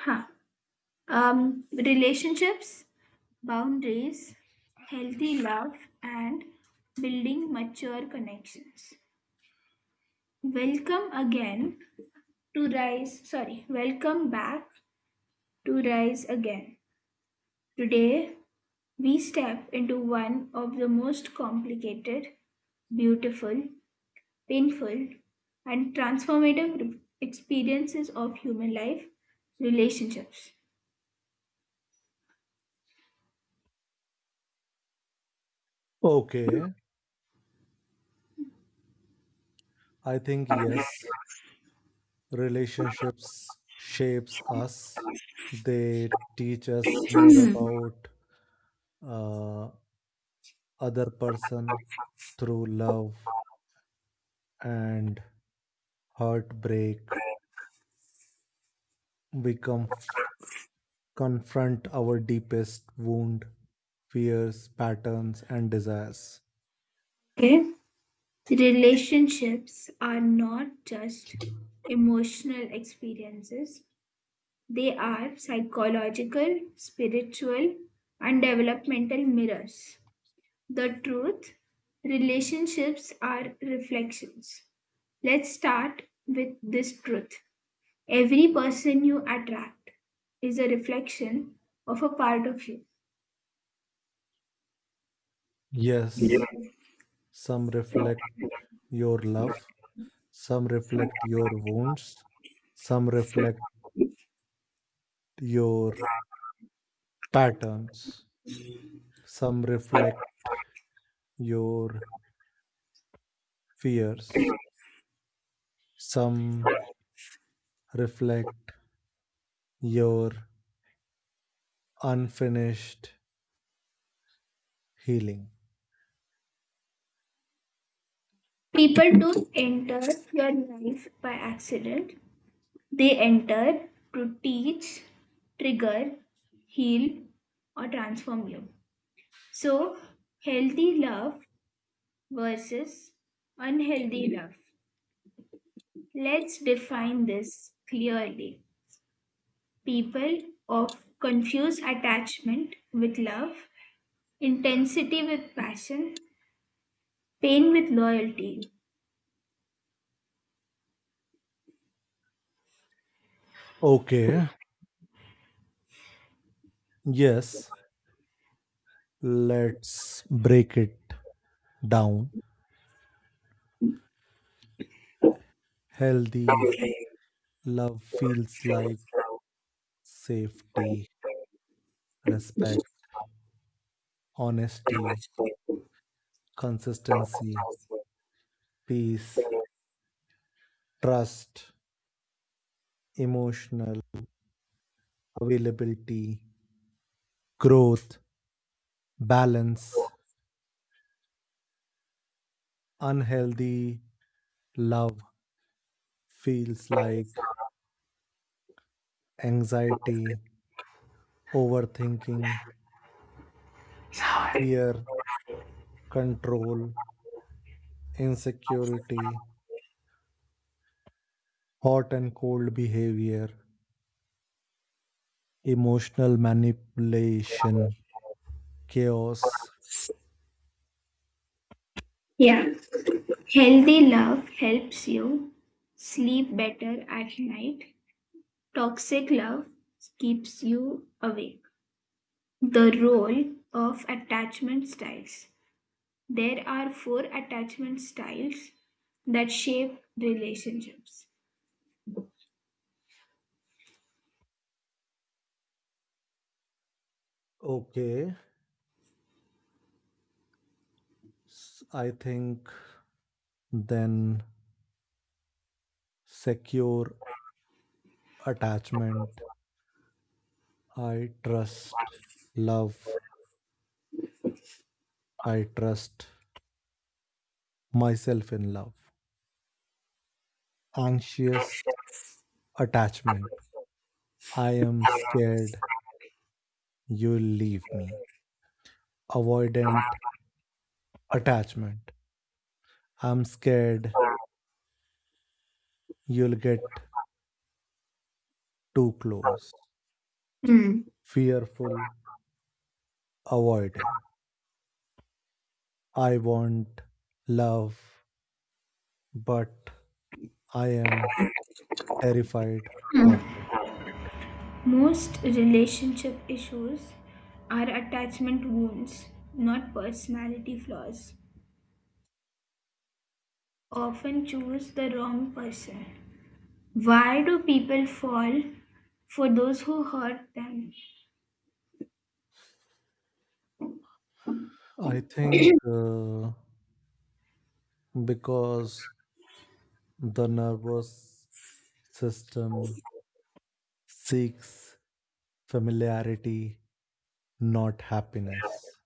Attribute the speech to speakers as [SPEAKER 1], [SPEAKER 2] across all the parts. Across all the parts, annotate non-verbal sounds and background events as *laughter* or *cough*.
[SPEAKER 1] Huh. Relationships, boundaries, healthy love, and building mature connections. Welcome again to Rise. Sorry, Welcome back to Rise Again. Today, we step into one of the most complicated, beautiful, painful, and transformative experiences of human life, relationships.
[SPEAKER 2] Okay, I think yes, relationships shapes us. They teach us more about uh, other person through love and heartbreak. We conf- Confront our deepest wound, fears, patterns, and desires.
[SPEAKER 1] Okay. Relationships are not just emotional experiences, they are psychological, spiritual, and developmental mirrors. The truth: relationships are reflections. Let's start with this truth. Every person you attract is a reflection of a part of you.
[SPEAKER 2] Yes, some reflect your love, some reflect your wounds, some reflect your patterns. Some reflect your fears, some reflect your unfinished healing.
[SPEAKER 1] People don't enter your life by accident. They enter to teach, trigger, heal, or transform you. So, healthy love versus unhealthy love. Let's define this clearly. People of confuse attachment with love, intensity with passion, pain with loyalty.
[SPEAKER 2] Okay, yes, let's break it down. Healthy love feels like safety, respect, honesty, consistency, peace, trust, emotional availability, growth, balance. Unhealthy love feels like anxiety, overthinking, fear, control, insecurity, hot and cold behavior, emotional manipulation, chaos.
[SPEAKER 1] Yeah, healthy love helps you sleep better at night. Toxic love keeps you awake. The role of attachment styles. There are four attachment styles that shape relationships.
[SPEAKER 2] Okay, I think then secure attachment. I trust love. I trust myself in love. Anxious attachment. I am scared you'll leave me. Avoidant attachment. I'm scared you'll get too close.
[SPEAKER 1] Mm.
[SPEAKER 2] Fearful avoidant. I want love, but I am terrified of it.
[SPEAKER 1] Most relationship issues are attachment wounds, not personality flaws. Often choose the wrong person. Why do people fall for those who hurt them?
[SPEAKER 2] I think because the nervous system seeks familiarity, not happiness.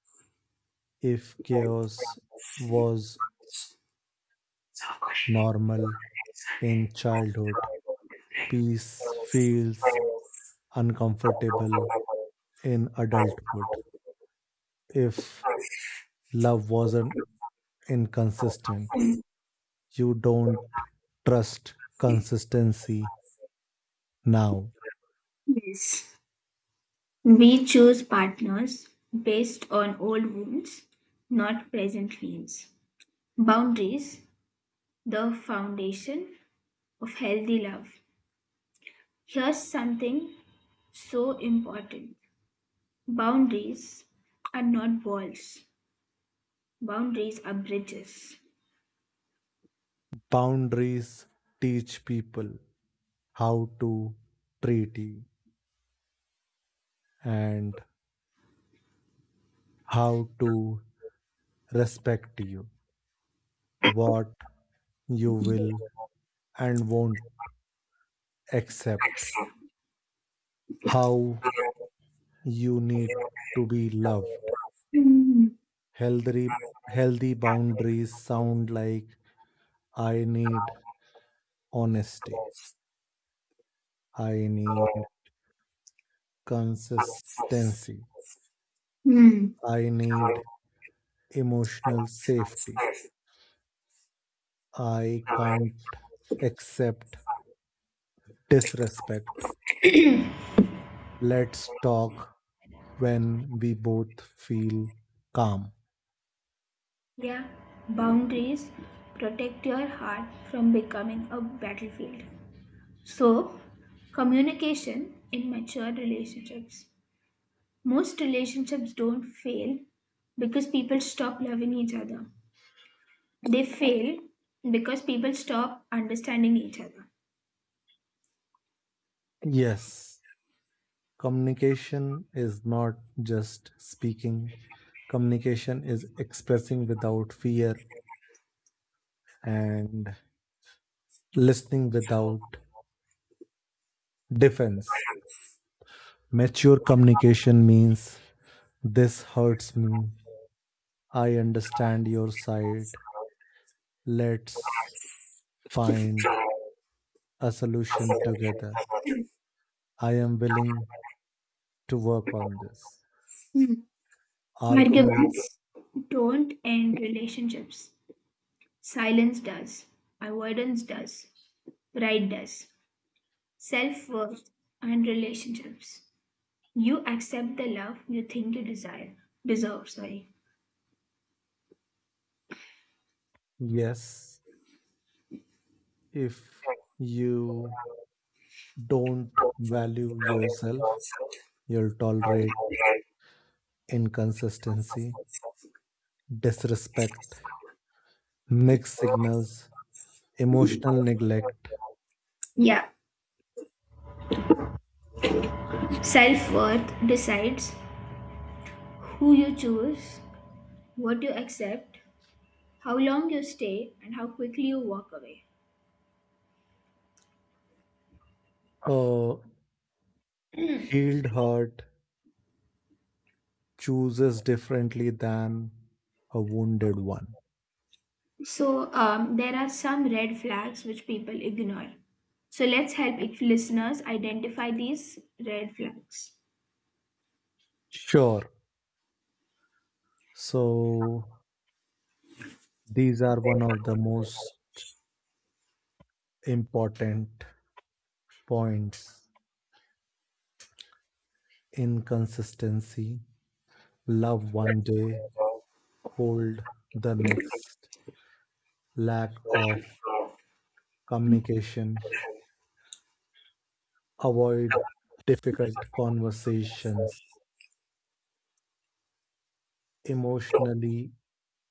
[SPEAKER 2] If chaos was normal in childhood, peace feels uncomfortable in adulthood. If love wasn't inconsistent, you don't trust consistency now.
[SPEAKER 1] Yes. We choose partners based on old wounds, not present needs. Boundaries, the foundation of healthy love. Here's something so important: boundaries are not walls, boundaries are bridges.
[SPEAKER 2] Boundaries teach people how to treat you and how to respect you, what you will and won't accept, how you need to be loved.
[SPEAKER 1] Mm,
[SPEAKER 2] Healthy, healthy boundaries sound like I need honesty, I need consistency,
[SPEAKER 1] mm.
[SPEAKER 2] I need emotional safety, I can't accept disrespect. Let's talk when we both feel calm.
[SPEAKER 1] Yeah, boundaries protect your heart from becoming a battlefield. So, communication in mature relationships. Most relationships don't fail because people stop loving each other. They fail because people stop understanding each other.
[SPEAKER 2] Yes, communication is not just speaking, communication is expressing without fear and listening without defense. Mature communication means this hurts me. I understand your side. Let's find a solution together. I am willing to work on this.
[SPEAKER 1] Hmm.
[SPEAKER 2] Argument
[SPEAKER 1] Arguments don't end relationships. Silence does. Avoidance does. Pride does. Self worth and relationships. You accept the love you think you desire. Deserve, sorry.
[SPEAKER 2] yes, if you don't value yourself, you'll tolerate inconsistency, disrespect, mixed signals, emotional neglect.
[SPEAKER 1] Yeah. Self worth decides who you choose, what you accept, how long you stay, and how quickly you walk away.
[SPEAKER 2] A healed heart chooses differently than a wounded one.
[SPEAKER 1] So, there are some red flags which people ignore. So, let's help if listeners identify these red flags.
[SPEAKER 2] Sure. So these are one of the most important points. Inconsistency, love one day, cold the next, lack of communication, avoid difficult conversations, emotionally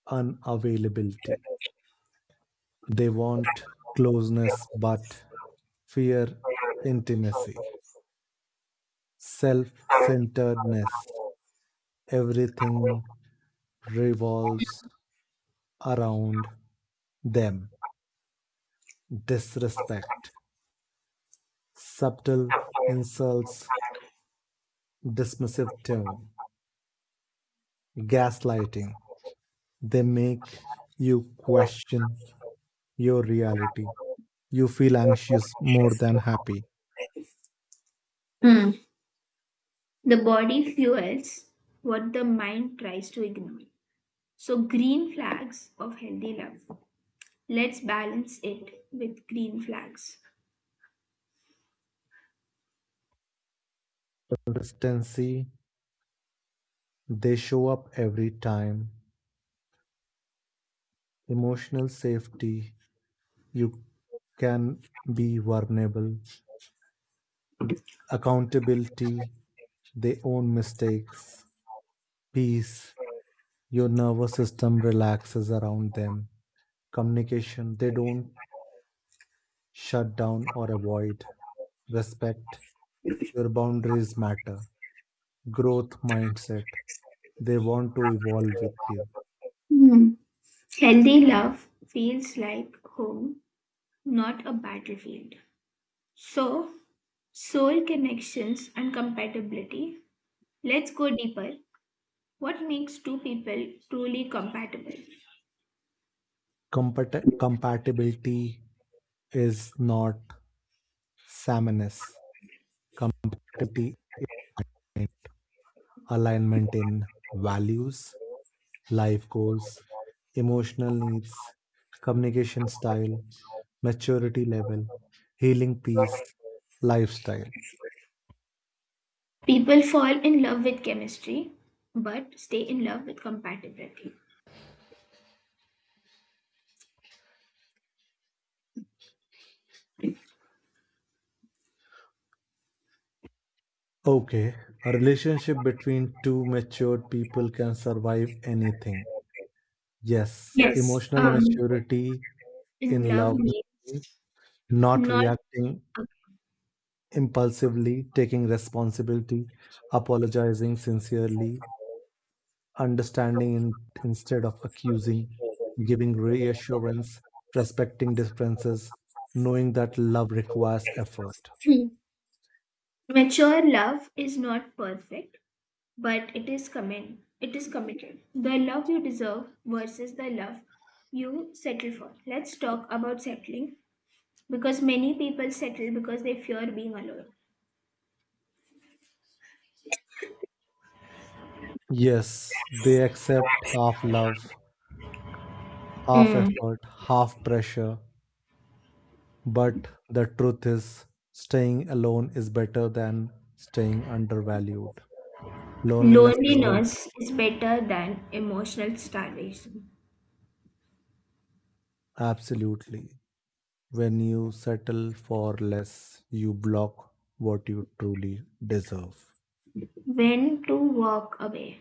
[SPEAKER 2] unavailability. They want closeness but fear intimacy, self centeredness. Everything revolves around them. Disrespect, subtle insults, dismissive tone, gaslighting. They make you question your reality. You feel anxious more than happy.
[SPEAKER 1] Hmm. The body fuels what the mind tries to ignore. So, green flags of healthy love. Let's balance it with green flags.
[SPEAKER 2] Consistency, they show up every time. Emotional safety, you can be vulnerable. Accountability, they own mistakes. Peace, your nervous system relaxes around them. Communication, they don't shut down or avoid. Respect, your boundaries matter. Growth mindset, they want to evolve with you.
[SPEAKER 1] Hmm. Healthy love feels like home, not a battlefield. So, soul connections and compatibility. Let's go deeper. What makes two people truly compatible?
[SPEAKER 2] Compatibility is not sameness. Compatibility is alignment in values, life goals, emotional needs, communication style, maturity level, healing peace, lifestyle.
[SPEAKER 1] People fall in love with chemistry, but stay in love with compatibility.
[SPEAKER 2] Okay, a relationship between two matured people can survive anything. Yes,
[SPEAKER 1] Yes.
[SPEAKER 2] emotional maturity
[SPEAKER 1] In
[SPEAKER 2] in
[SPEAKER 1] love
[SPEAKER 2] love,
[SPEAKER 1] means
[SPEAKER 2] not
[SPEAKER 1] not
[SPEAKER 2] reacting impulsively, taking responsibility, apologizing sincerely, understanding in, instead of accusing, giving reassurance, respecting differences, knowing that love requires effort.
[SPEAKER 1] *clears throat* mature love is not perfect, but it is commit. It is committed. The love you deserve versus the love you settle for. Let's talk about settling, because many people settle because they fear being alone.
[SPEAKER 2] Yes, they accept half love, half
[SPEAKER 1] Mm.
[SPEAKER 2] effort, half pressure, but the truth is staying alone is better than staying undervalued. Loneliness is better,
[SPEAKER 1] Loneliness is better than emotional starvation.
[SPEAKER 2] absolutely. When you settle for less, you block what you truly deserve.
[SPEAKER 1] When to walk away.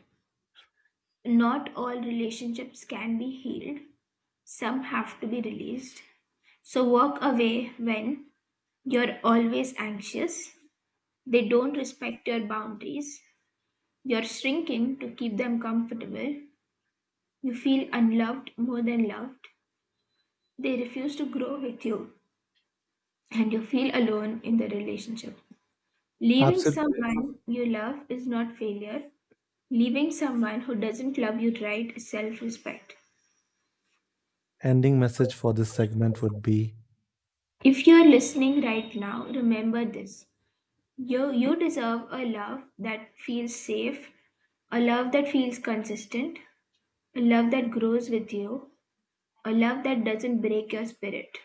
[SPEAKER 1] Not all relationships can be healed, some have to be released. So, walk away when you're always anxious, they don't respect your boundaries, you're shrinking to keep them comfortable, you feel unloved more than loved, they refuse to grow with you, and you feel alone in the relationship. Leaving
[SPEAKER 2] Absolute
[SPEAKER 1] someone you love is not failure. Leaving someone who doesn't love you right is self respect.
[SPEAKER 2] ending message for this segment would be
[SPEAKER 1] If you're listening right now, remember this. You deserve a love that feels safe, a love that feels consistent, a love that grows with you, a love that doesn't break your spirit.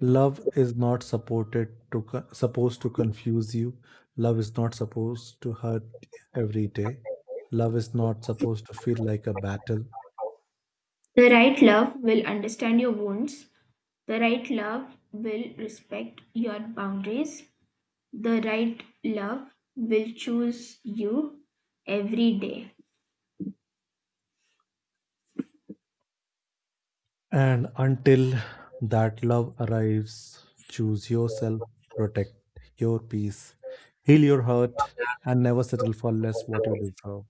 [SPEAKER 2] love is not supported to co- supposed to confuse you. Love is not supposed to hurt every day. Love is not supposed to feel like a battle.
[SPEAKER 1] The right love will understand your wounds, the right love will respect your boundaries, the right love will choose you every day.
[SPEAKER 2] And until that love arrives, choose yourself, protect your peace, heal your hurt, and never settle for less what you deserve.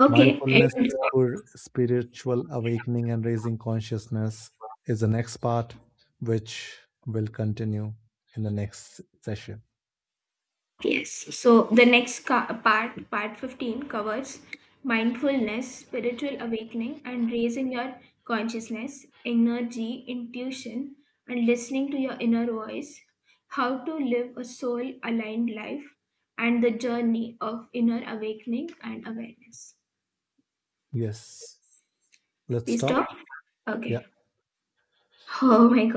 [SPEAKER 1] Okay,
[SPEAKER 2] Mindfulness
[SPEAKER 1] and
[SPEAKER 2] for spiritual awakening and raising consciousness is the next part, which will continue in the next session.
[SPEAKER 1] yes. So the next part, part 15, covers mindfulness, spiritual awakening, and raising your consciousness, energy, intuition, and listening to your inner voice, how to live a soul aligned life, and the journey of inner awakening and awareness.
[SPEAKER 2] Yes, let's
[SPEAKER 1] We
[SPEAKER 2] stop.
[SPEAKER 1] stop?
[SPEAKER 2] Yeah.
[SPEAKER 1] Okay. *laughs* Oh my god.